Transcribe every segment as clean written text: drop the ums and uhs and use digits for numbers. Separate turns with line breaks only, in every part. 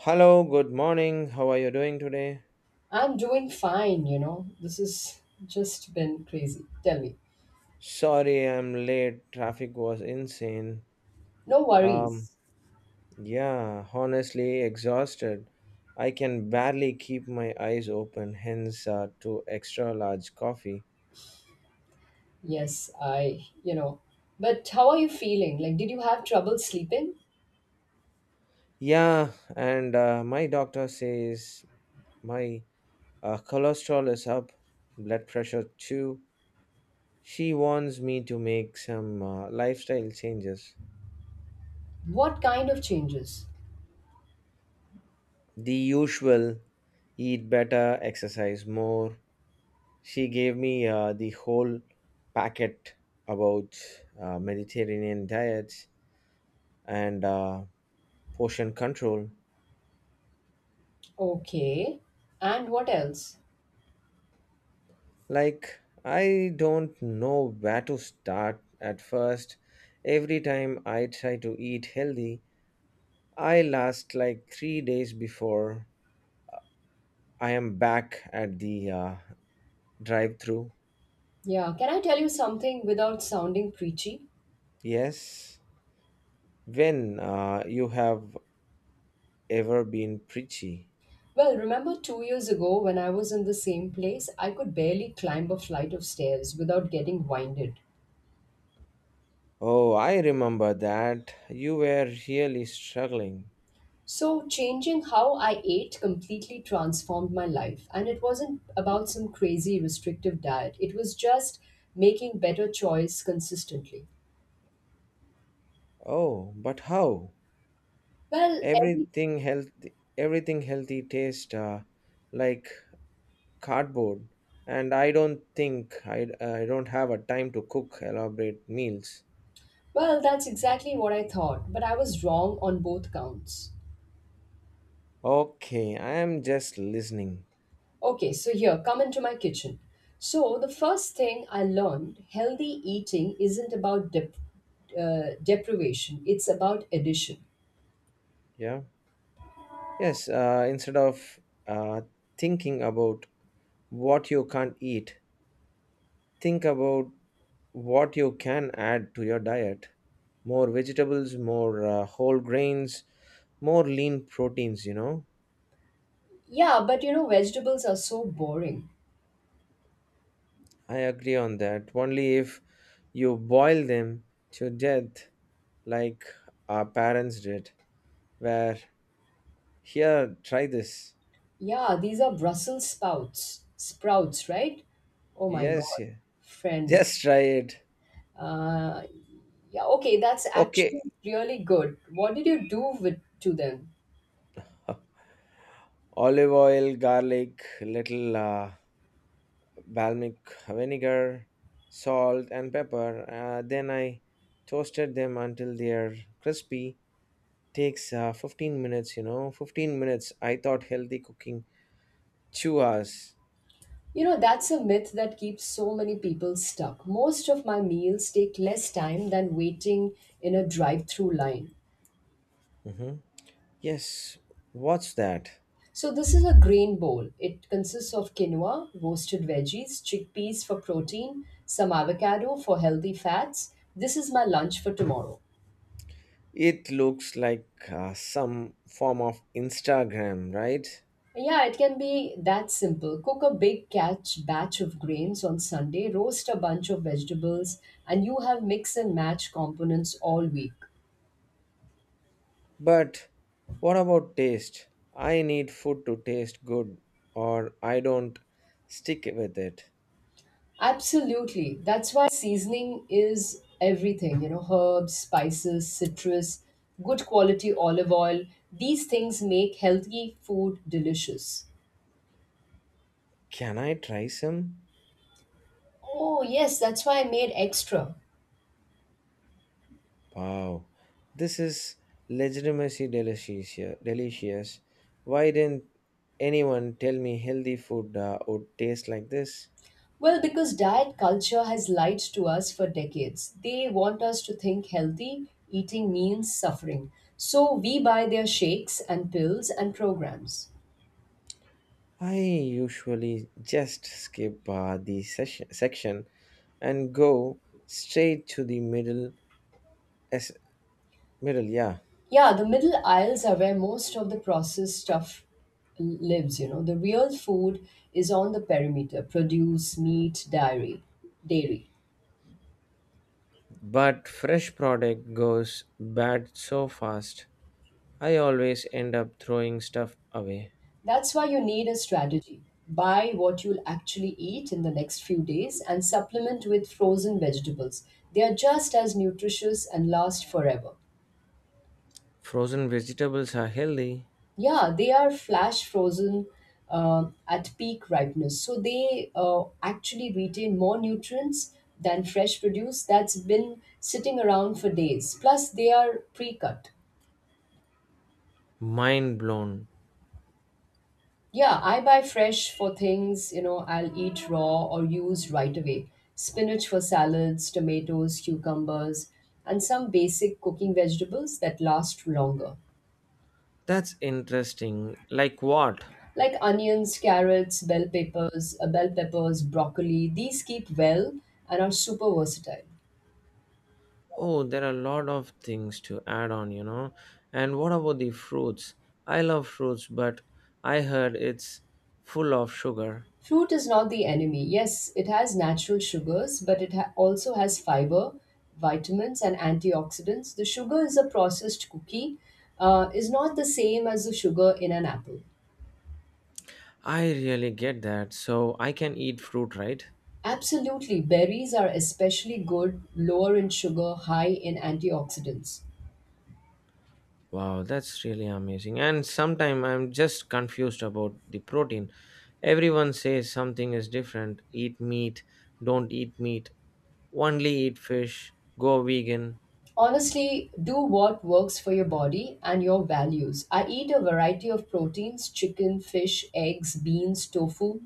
Hello, good morning. How are you doing today?
I'm doing fine. This has just been crazy. Tell me.
Sorry, I'm late. Traffic was insane.
No
Um,
worries.
yeah, honestly, exhausted. I can barely keep my eyes open, hence, two extra large coffee.
Yes, I. But how are you feeling? Like, did you have trouble sleeping?
Yeah, and my doctor says my cholesterol is up, blood pressure too. She warns me to make some lifestyle changes.
What kind of changes?
The usual: eat better, exercise more. She gave me the whole packet about Mediterranean diets and portion control.
Okay. And what else?
Like, I don't know where to start at first. Every time I try to eat healthy, I last like 3 days before I am back at the drive through.
Yeah, can I tell you something without sounding preachy?
Yes. When you have ever been preachy.
Well, remember 2 years ago when I was in the same place, I could barely climb a flight of stairs without getting winded.
Oh, I remember that. You were really struggling.
So, changing how I ate completely transformed my life. And it wasn't about some crazy restrictive diet, it was just making better choice consistently.
Oh, but how?
Well, every,
Everything healthy tastes like cardboard, and I don't think I don't have a time to cook elaborate meals.
well, that's exactly what I thought, but I was wrong on both counts.
Okay, I am just listening.
Okay, so here, come into my kitchen. So, the first thing I learned healthy eating isn't about deprivation, it's about addition.
Yeah. Yes, instead of uh, thinking about what you can't eat, think about what you can add to your diet, more vegetables, more whole grains, more lean proteins.
Yeah, but vegetables are so boring.
I agree on that only if you boil them to death, like our parents did. Where, here, try this.
Yeah, these are Brussels sprouts, right? Oh my
Yes,
God,
yeah.
friend.
Just try it.
Uh, yeah, okay, that's actually
Okay,
really good. What did you do with to them?
olive oil, garlic, little balsamic vinegar, salt and pepper. Then I toasted them until they are crispy. Takes 15 minutes. You know, 15 minutes. I thought healthy cooking 2 hours.
You know, that's a myth that keeps so many people stuck. Most of my meals take less time than waiting in a drive-through line.
Hmm, yes. What's that?
So this is a grain bowl. It consists of quinoa, roasted veggies, chickpeas for protein, some avocado for healthy fats. This is my lunch for tomorrow.
It looks like some form of Instagram, right?
Yeah, it can be that simple. Cook a big catch batch of grains on Sunday, roast a bunch of vegetables, and you have mix and match components all week.
But what about taste? I need food to taste good, or I don't stick with it.
Absolutely. That's why seasoning is everything, herbs, spices, citrus, good quality olive oil. These things make healthy food delicious.
Can I try some?
Oh, yes, that's why I made extra.
Wow, this is legitimacy delicious. Delicious. Why didn't anyone tell me healthy food would taste like this?
Well, because diet culture has lied to us for decades. They want us to think healthy eating means suffering. So we buy their shakes and pills and programs.
I usually just skip section and go straight to the middle. As, middle, yeah.
Yeah, the middle aisles are where most of the processed stuff lives. The real food is on the perimeter produce, meat, dairy.
But fresh product goes bad so fast. I always end up throwing stuff away.
That's why you need a strategy. Buy what you'll actually eat in the next few days and supplement with frozen vegetables. They are just as nutritious and last forever.
Frozen vegetables are healthy.
Yeah, they are flash frozen at peak ripeness. So they actually retain more nutrients than fresh produce that's been sitting around for days. Plus, they are pre cut.
Mind blown.
Yeah, I buy fresh for things I'll eat raw or use right away. Spinach for salads, tomatoes, cucumbers, and some basic cooking vegetables that last longer.
That's interesting. Like what?
Like onions, carrots, bell peppers, broccoli. These keep well and are super versatile.
Oh, there are a lot of things to add on. And what about the fruits? I love fruits, but I heard it's full of sugar.
Fruit is not the enemy. Yes, it has natural sugars, but it also has fiber, vitamins, and antioxidants. The sugar is a processed cookie, is not the same as the sugar in an apple.
I really get that. So I can eat fruit, right?
Absolutely, berries are especially good, lower in sugar, high in antioxidants.
Wow, that's really amazing. And sometimes I'm just confused about the protein. Everyone says something is different. Eat meat, don't eat meat, only eat fish, go vegan,
Honestly, do what works for your body and your values. I eat a variety of proteins chicken, fish, eggs, beans, tofu.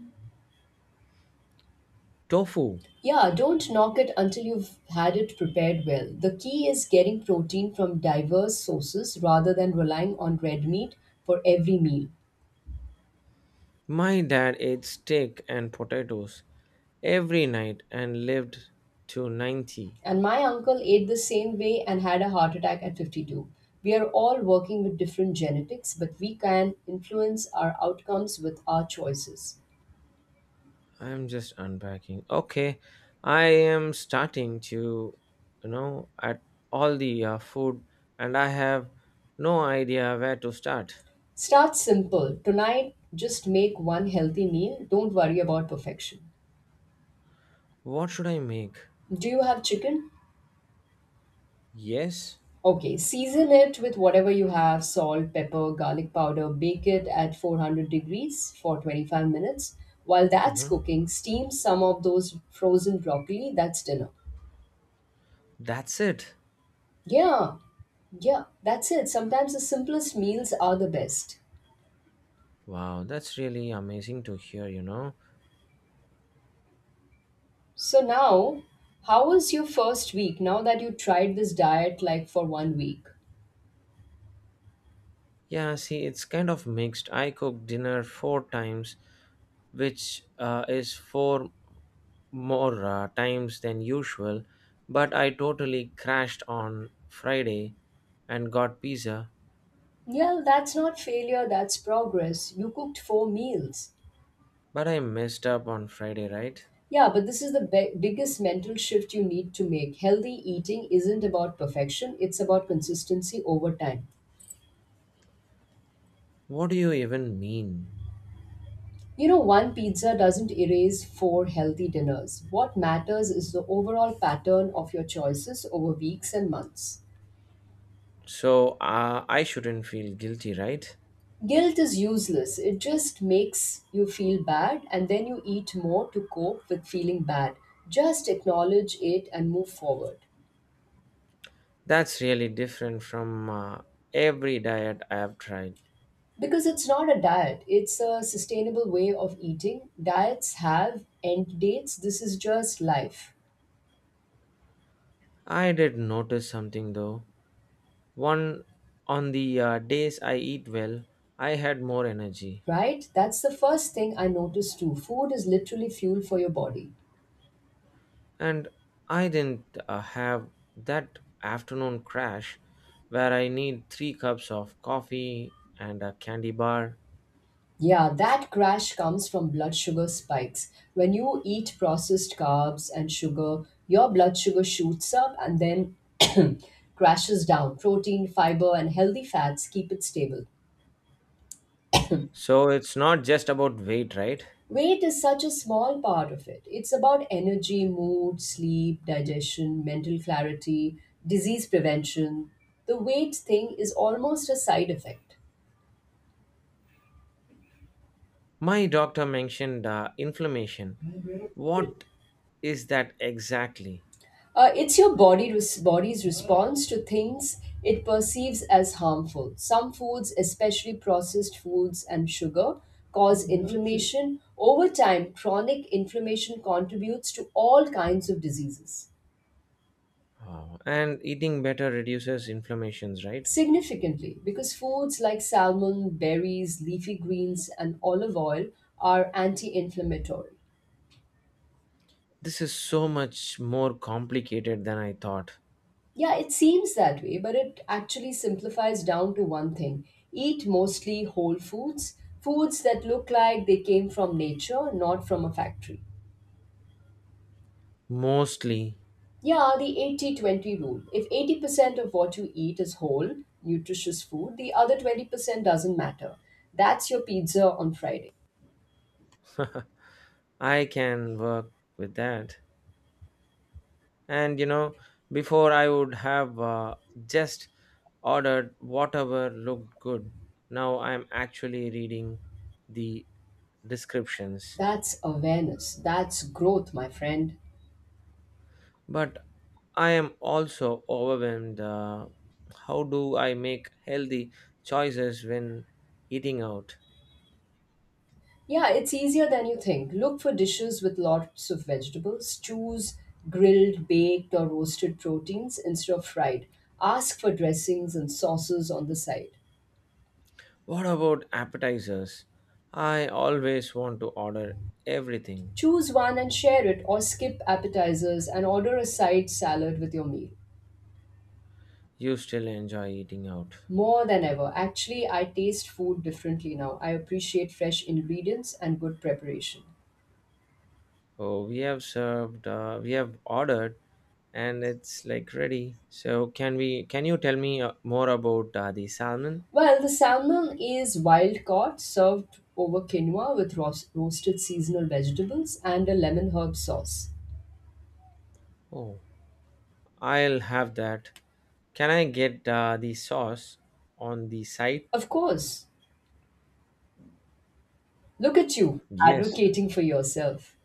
tofu.
Yeah, don't knock it until you've had it prepared well. The key is getting protein from diverse sources rather than relying on red meat for every meal.
My dad ate steak and potatoes every night and lived to 90.
And my uncle ate the same way and had a heart attack at 52. We are all working with different genetics, but we can influence our outcomes with our choices.
I'm just unpacking. Okay, I am starting to at all the food, and I have no idea where to start.
Start simple. Tonight, just make one healthy meal. Don't worry about perfection.
What should I make?
Do you have chicken?
Yes?
Okay, season it with whatever you have salt, pepper, garlic powder. Bake it at 400 degrees for 25 minutes. While that's
Mm-hmm.
cooking, steam some of those frozen broccoli. That's dinner.
That's it.
Yeah, yeah, that's it. Sometimes the simplest meals are the best.
Wow, that's really amazing to hear.
So now, how was your first week now that you tried this diet like for one week?
Yeah, see, it's kind of mixed. I cook dinner four times, which is four more times than usual, but I totally crashed on Friday and got pizza.
Yeah, that's not failure, that's progress. You cooked four meals.
But I messed up on Friday, right?
Yeah, but this is the biggest mental shift you need to make. Healthy eating isn't about perfection, it's about consistency over time.
What do you even mean?
You know, one pizza doesn't erase four healthy dinners. What matters is the overall pattern of your choices over weeks and months.
So I shouldn't feel guilty, right?
Guilt is useless, it just makes you feel bad, and then you eat more to cope with feeling bad. Just acknowledge it and move forward.
That's really different from every diet I have tried.
Because it's not a diet, it's a sustainable way of eating. Diets have end dates. This is just life,
I did notice something though. One On the days I eat well, I had more energy.
right? That's the first thing I noticed too. Food is literally fuel for your body.
And I didn't have that afternoon crash where I need three cups of coffee and a candy bar.
Yeah, that crash comes from blood sugar spikes. When you eat processed carbs and sugar, your blood sugar shoots up and then crashes down. Protein, fiber, and healthy fats keep it stable.
So it's not just about weight, right?
Weight is such a small part of it. It's about energy, mood, sleep, digestion, mental clarity, disease prevention. The weight thing is almost a side effect.
My doctor mentioned inflammation. What is that exactly?
It's your body's response to things it perceives as harmful. Some foods, especially processed foods and sugar, cause inflammation. Over time, chronic inflammation contributes to all kinds of diseases.
Oh, and eating better reduces inflammations, right?
Significantly, because foods like salmon, berries, leafy greens, and olive oil are anti inflammatory.
This is so much more complicated than I thought.
Yeah, it seems that way, but it actually simplifies down to one thing eat mostly whole foods, foods that look like they came from nature, not from a factory.
Mostly,
Yeah, the 80/20 rule. If 80% of what you eat is whole, nutritious food, the other 20% doesn't matter. That's your pizza on Friday.
I can work with that. And before I would have just ordered whatever looked good. Now I am actually reading the descriptions.
That's awareness. That's growth, my friend.
But I am also overwhelmed. How do I make healthy choices when eating out?
Yeah, it's easier than you think. Look for dishes with lots of vegetables. Choose grilled, baked, or roasted proteins instead of fried. Ask for dressings and sauces on the side.
What about appetizers? I always want to order everything.
Choose one and share it, or skip appetizers and order a side salad with your meal.
You still enjoy eating out?
More than ever, actually, I taste food differently now. I appreciate fresh ingredients and good preparation.
Oh, we have ordered, and it's like ready. So can we? Can you tell me more about the salmon?
Well, the salmon is wild caught, served over quinoa with roasted seasonal vegetables and a lemon herb sauce.
Oh, I'll have that. Can I get the sauce on the side?
Of course, look at you
Yes.
advocating for yourself.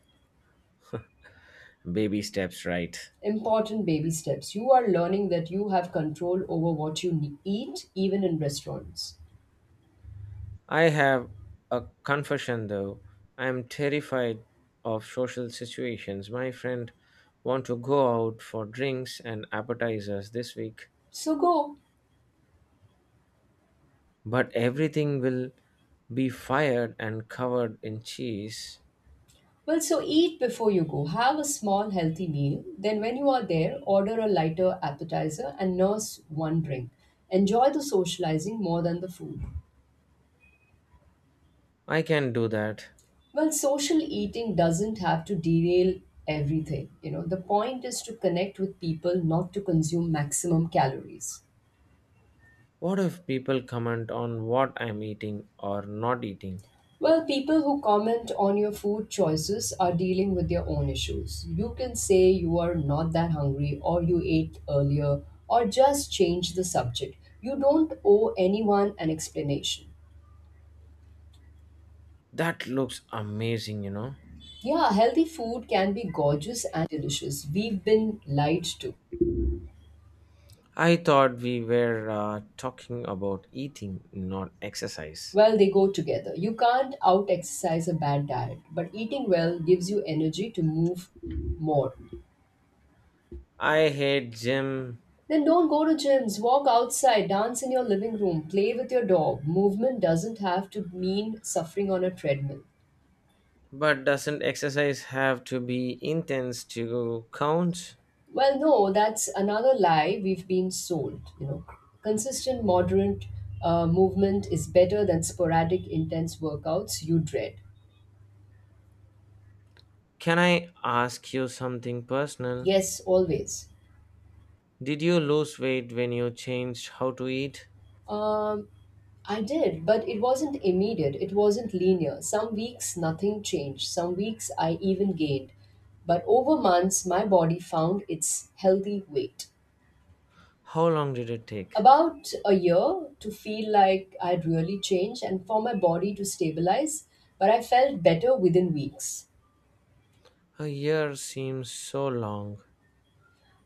Baby steps, right?
Important baby steps. You are learning that you have control over what you eat, even in restaurants.
I have a confession though. I'm terrified of social situations. My friend want to go out for drinks and appetizers this week,
So go.
but everything will be fired and covered in cheese.
Well, so eat before you go. Have a small healthy meal. Then, when you are there, order a lighter appetizer and nurse one drink. Enjoy the socializing more than the food.
I can do that.
Well, social eating doesn't have to derail everything. You know, the point is to connect with people, not to consume maximum calories.
What if people comment on what I'm eating or not eating?
Well, people who comment on your food choices are dealing with their own issues. You can say you are not that hungry, or you ate earlier, or just change the subject. You don't owe anyone an explanation.
That looks amazing.
Yeah, healthy food can be gorgeous and delicious. We've been lied to.
I thought we were talking about eating, not exercise.
Well, they go together. You can't out exercise a bad diet, but eating well gives you energy to move more.
I hate gym,
Then don't go to gyms, walk outside, dance in your living room, play with your dog. Movement doesn't have to mean suffering on a treadmill.
but doesn't exercise have to be intense to count?
Well, no, that's another lie we've been sold. You know, consistent, moderate movement is better than sporadic, intense workouts you dread.
Can I ask you something personal?
Yes, always.
Did you lose weight when you changed how to eat?
Um, I did, but it wasn't immediate. It wasn't linear. Some weeks nothing changed. Some weeks I even gained. But over months, my body found its healthy weight.
How long did it take?
About a year to feel like I'd really changed and for my body to stabilize, but I felt better within weeks.
A year seems so long.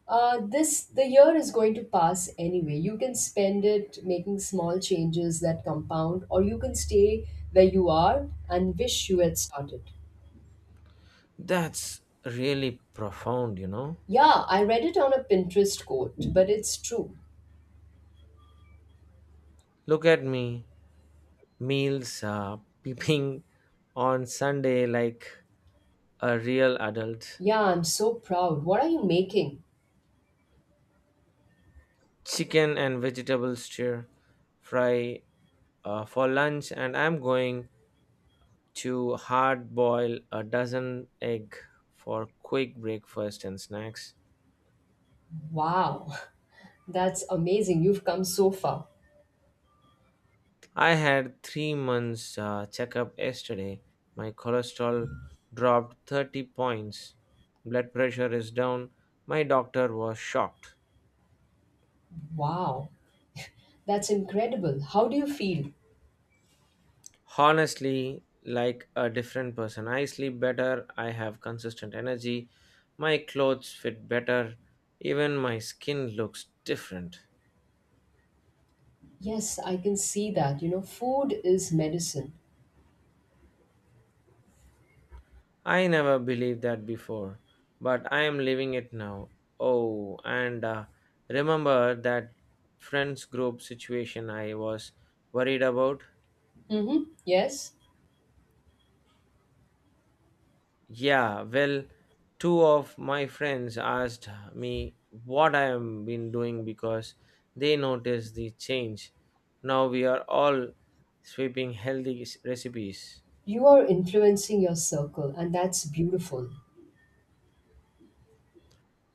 This the year is going to pass anyway. You can spend it making small changes that compound, or you can stay where you are and wish you had started.
That's really profound.
Yeah, I read it on a Pinterest quote, but it's true.
Look at me, meals are peeping on Sunday like a real adult.
Yeah, I'm so proud. What are you making?
Chicken and vegetable stir fry for lunch, and I'm going to hard boil a dozen egg for quick breakfast and snacks.
Wow, that's amazing. You've come so far.
I had 3 months checkup yesterday. My cholesterol dropped 30 points. Blood pressure is down. My doctor was shocked.
Wow, that's incredible. How do you feel?
Honestly, like a different person. I sleep better. I have consistent energy. My clothes fit better. Even my skin looks different.
Yes, I can see that. You know, food is medicine.
I never believed that before, but I am living it now. Oh, and remember that friends group situation I was worried about?
Mm-hmm. Yes,
Yeah, well, two of my friends asked me what I have been doing because they noticed the change. Now we are all sweeping healthy recipes.
you are influencing your circle, and that's beautiful.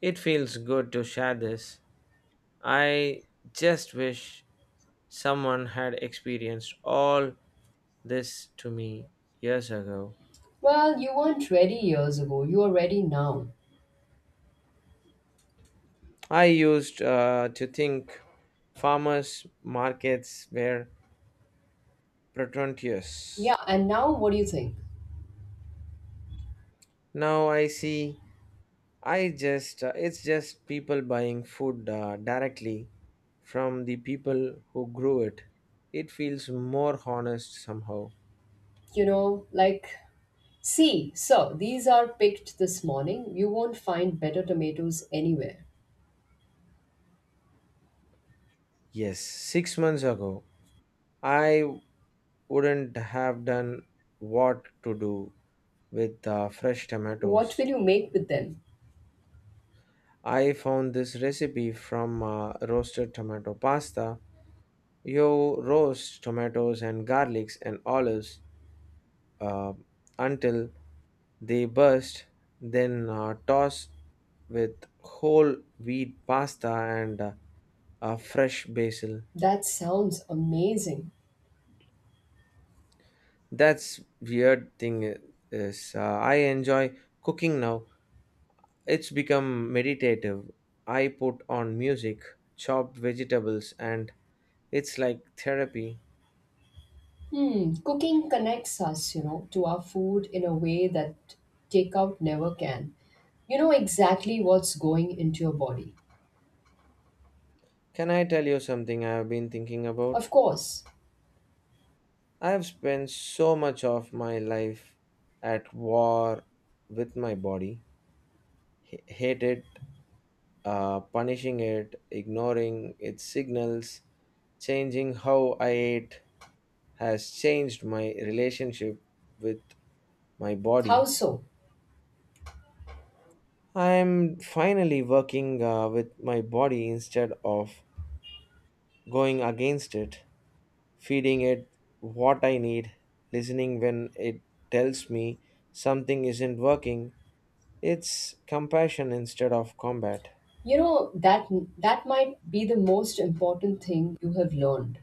It feels good to share this. I just wish someone had experienced all this to me years ago.
Well, you weren't ready years ago. You are ready now.
I used to think farmers' markets were
Yeah,
pretentious.
and now what do you think?
Now I see, I just it's just people buying food directly from the people who grew it. It feels more honest somehow.
You know, like see, so these are picked this morning. You won't find better tomatoes anywhere.
Yes, 6 months ago I wouldn't have done what to do with fresh
What
tomatoes.
will you make with them?
I found this recipe from roasted tomato pasta. You roast tomatoes and garlics and olives uh, until they burst, then toss with whole wheat pasta and fresh basil.
That sounds amazing.
That's weird thing I- is I enjoy cooking now. It's become meditative. I put on music, chop vegetables, and it's like therapy.
Hmm, cooking connects us to our food in a way that takeout never can. You know exactly what's going into your body.
Can I tell you something I have been thinking about?
Of course.
I have spent so much of my life at war with my body, hate it, punishing it, ignoring its signals. Changing how I ate has changed my relationship with my
How
body.
so?
I am finally working with my body instead of going against it, feeding it what I need, listening when it tells me something isn't working. It's compassion instead of combat.
You know that that might be the most important thing you have learned.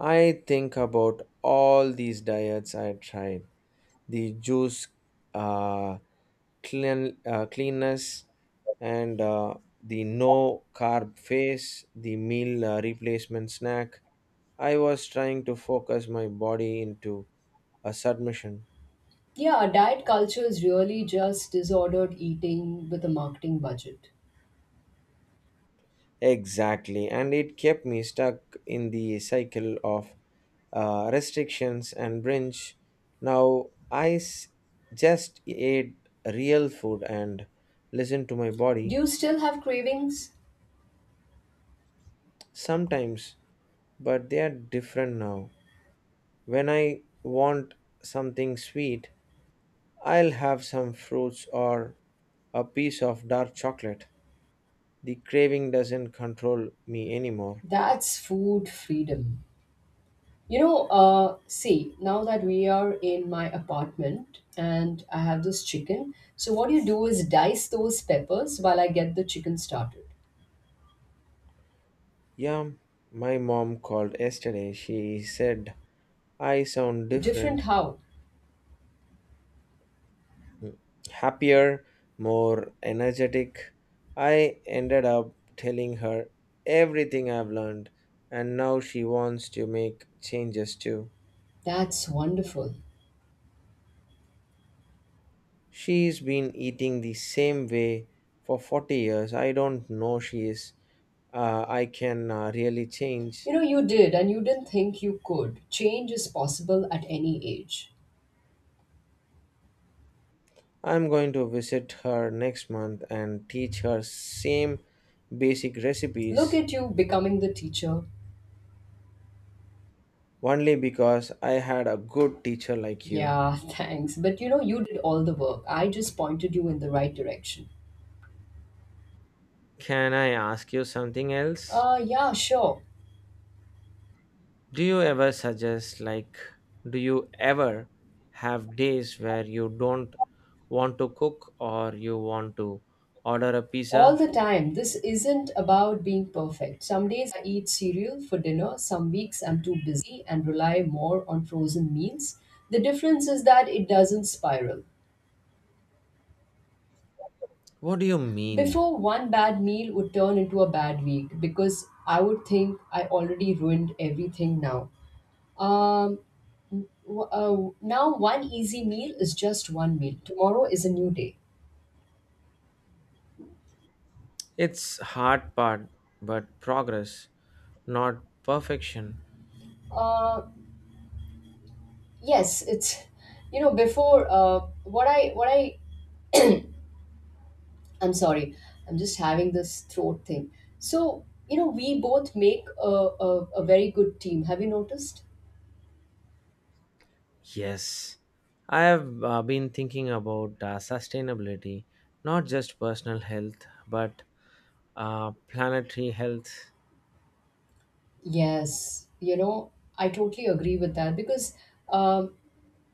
I think about all these diets I tried, the juice, uh, clean, cleanness, and the no carb phase, the meal replacement snack. I was trying to focus my body into a submission.
Yeah, diet culture is really just disordered eating with a marketing budget.
Exactly, and it kept me stuck in the cycle of restrictions and binge. Now I just ate real food and listened to my
Do
body.
you still have cravings?
Sometimes, but they are different now. When I want something sweet, I'll have some fruits or a piece of dark chocolate. The craving doesn't control me anymore.
That's food freedom. You know, see, now that we are in my apartment and I have this chicken, so what you do is dice those peppers while I get the chicken started.
Yeah, my mom called yesterday. She said I sound
Different
different,
how?
happier, more energetic. I ended up telling her everything I've learned, and now she wants to make changes too.
That's wonderful.
She's been eating the same way for 40 years. I don't know she is. I can really change.
You know, you did and you didn't think you could. Change is possible at any age.
I'm going to visit her next month and teach her same basic
Look
recipes,
at you becoming the teacher.
only because I had a good teacher like you.
Yeah, thanks. But you did all the work. I just pointed you in the right direction.
Can I ask you something else?
Yeah, sure.
Do you ever suggest, like, do you ever have days where you don't want to cook or you want to order a
All
pizza?
the time. This isn't about being perfect. Some days I eat cereal for dinner, some weeks I'm too busy and rely more on frozen meals. The difference is that it doesn't spiral.
What do you mean?
Before, one bad meal would turn into a bad week because I would think I already ruined everything now. Um, Now, one easy meal is just one meal. Tomorrow is a new day.
It's hard part, but progress, not perfection.
Uh, yes, it's, before, what I I'm sorry. I'm just having this throat thing. So, we both make a, a very good team. Have you noticed?
Yes, I have been thinking about sustainability, not just personal health, but planetary health.
Yes. You know, I totally agree with that because um,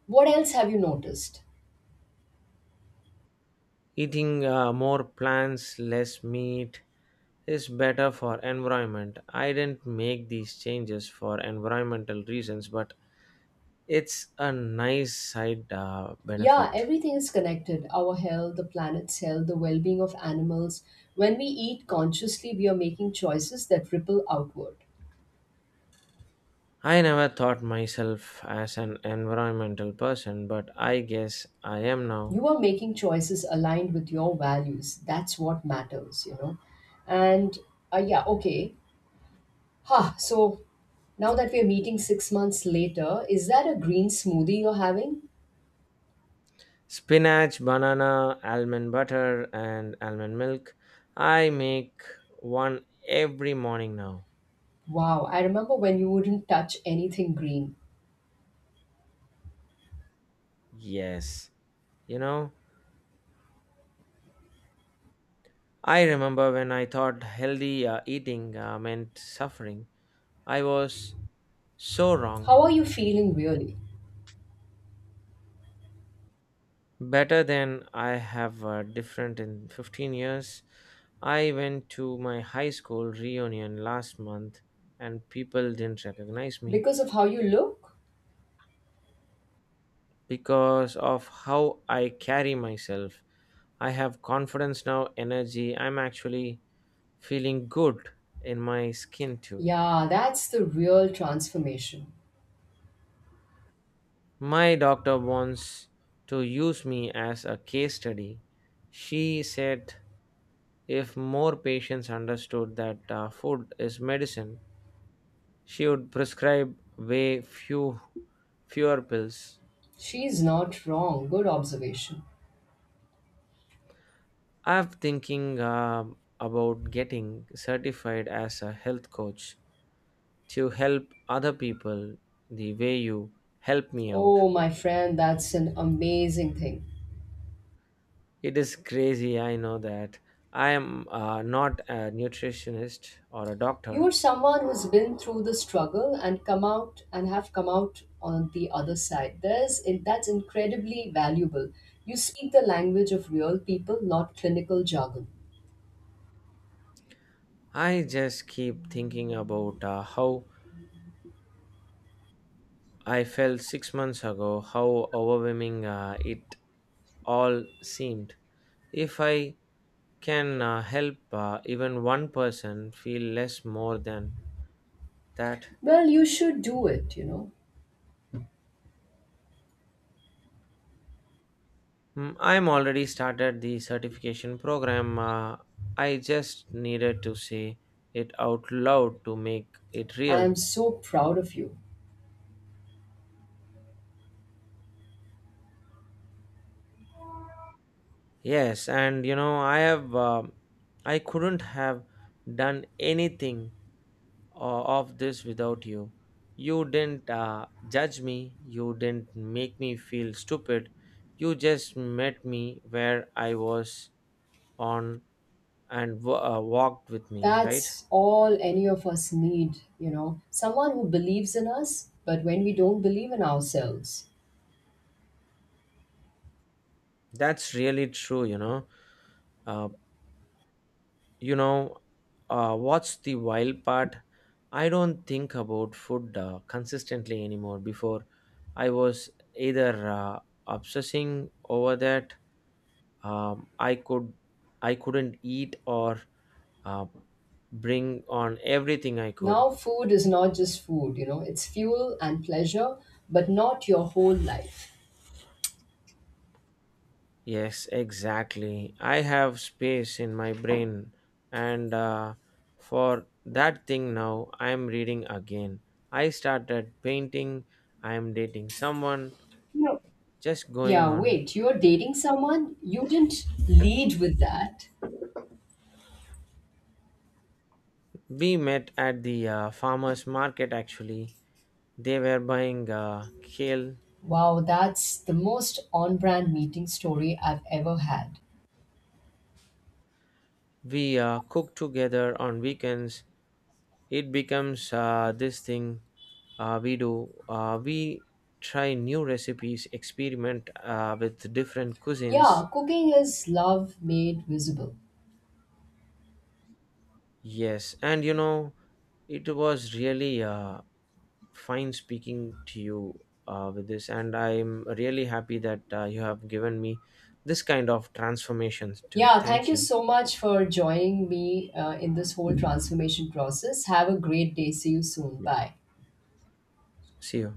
what else have you noticed?
Eating more plants, less meat is better for environment. I didn't make these changes for environmental reasons, but it's a nice side
Yeah,
benefit.
everything is connected our health, the planet's health, the well being of animals. When we eat consciously, we are making choices that ripple outward.
I never thought myself as an environmental person, but I guess I am now.
You are making choices aligned with your values. That's what matters. And yeah, okay. So now that we're meeting 6 months later, is that a green smoothie you're having?
Spinach, banana, almond butter, and almond milk. I make one every morning now.
Wow, I remember when you wouldn't touch anything green.
Yes. You know, I remember when I thought healthy eating meant suffering. I was so wrong.
How are you feeling really?
Better than I have different in 15 years. I went to my high school reunion last month, and people didn't recognize me
Because of how you look?
because of how I carry myself. I have confidence now, energy. I'm actually feeling good in my skin too.
Yeah, that's the real transformation.
My doctor wants to use me as a case study. She said if more patients understood that food is medicine, she would prescribe way fewer pills.
She's not wrong. Good observation.
I'm thinking about getting certified as a health coach to help other people the way you help me out.
Oh, my friend, that's an amazing thing.
It is crazy, I know that. I am not a nutritionist or a doctor.
You're someone who's been through the struggle and come out and have come out on the other side. There's in that's incredibly valuable. You speak the language of real people, not clinical jargon.
I just keep thinking about how I felt 6 months ago, how overwhelming it all seemed. If I can help even one person feel less more than that,
Well, you should do it.
Mm, I'm already started the certification program. I just needed to say it out loud to make it
I am
real.
so proud of you.
Yes, and I couldn't have done anything of this without you. You didn't judge me, you didn't make me feel stupid, you just met me where I was on, and walked with me, right?
That's all any of us need. Someone who believes in us, but when we don't believe in ourselves.
That's really true. Uh, you know, what's the wild part? I don't think about food consistently anymore. Before, I was either obsessing over that um, i could I couldn't eat, or uh, bring on everything I could.
Now, food is not just food, it's fuel and pleasure, but not your whole life.
Yes, exactly, I have space in my brain and for that thing. Now I am reading again, I started painting, I am dating someone, just going
Yeah,
on.
wait, you're dating someone? You didn't lead with that.
We met at the farmers market actually, they were buying kale.
Wow, that's the most on brand meeting story I've ever had.
We cook together on weekends, it becomes this thing. We try new recipes, experiment with different cuisines.
Yeah, cooking is love made visible.
Yes, and it was really fine speaking to you with this, and I'm really happy that you have given me this kind of transformations too.
Yeah, thank
Thank
you
you.
so much for joining me in this whole transformation process. Have a great day. See you soon. Bye.
See you.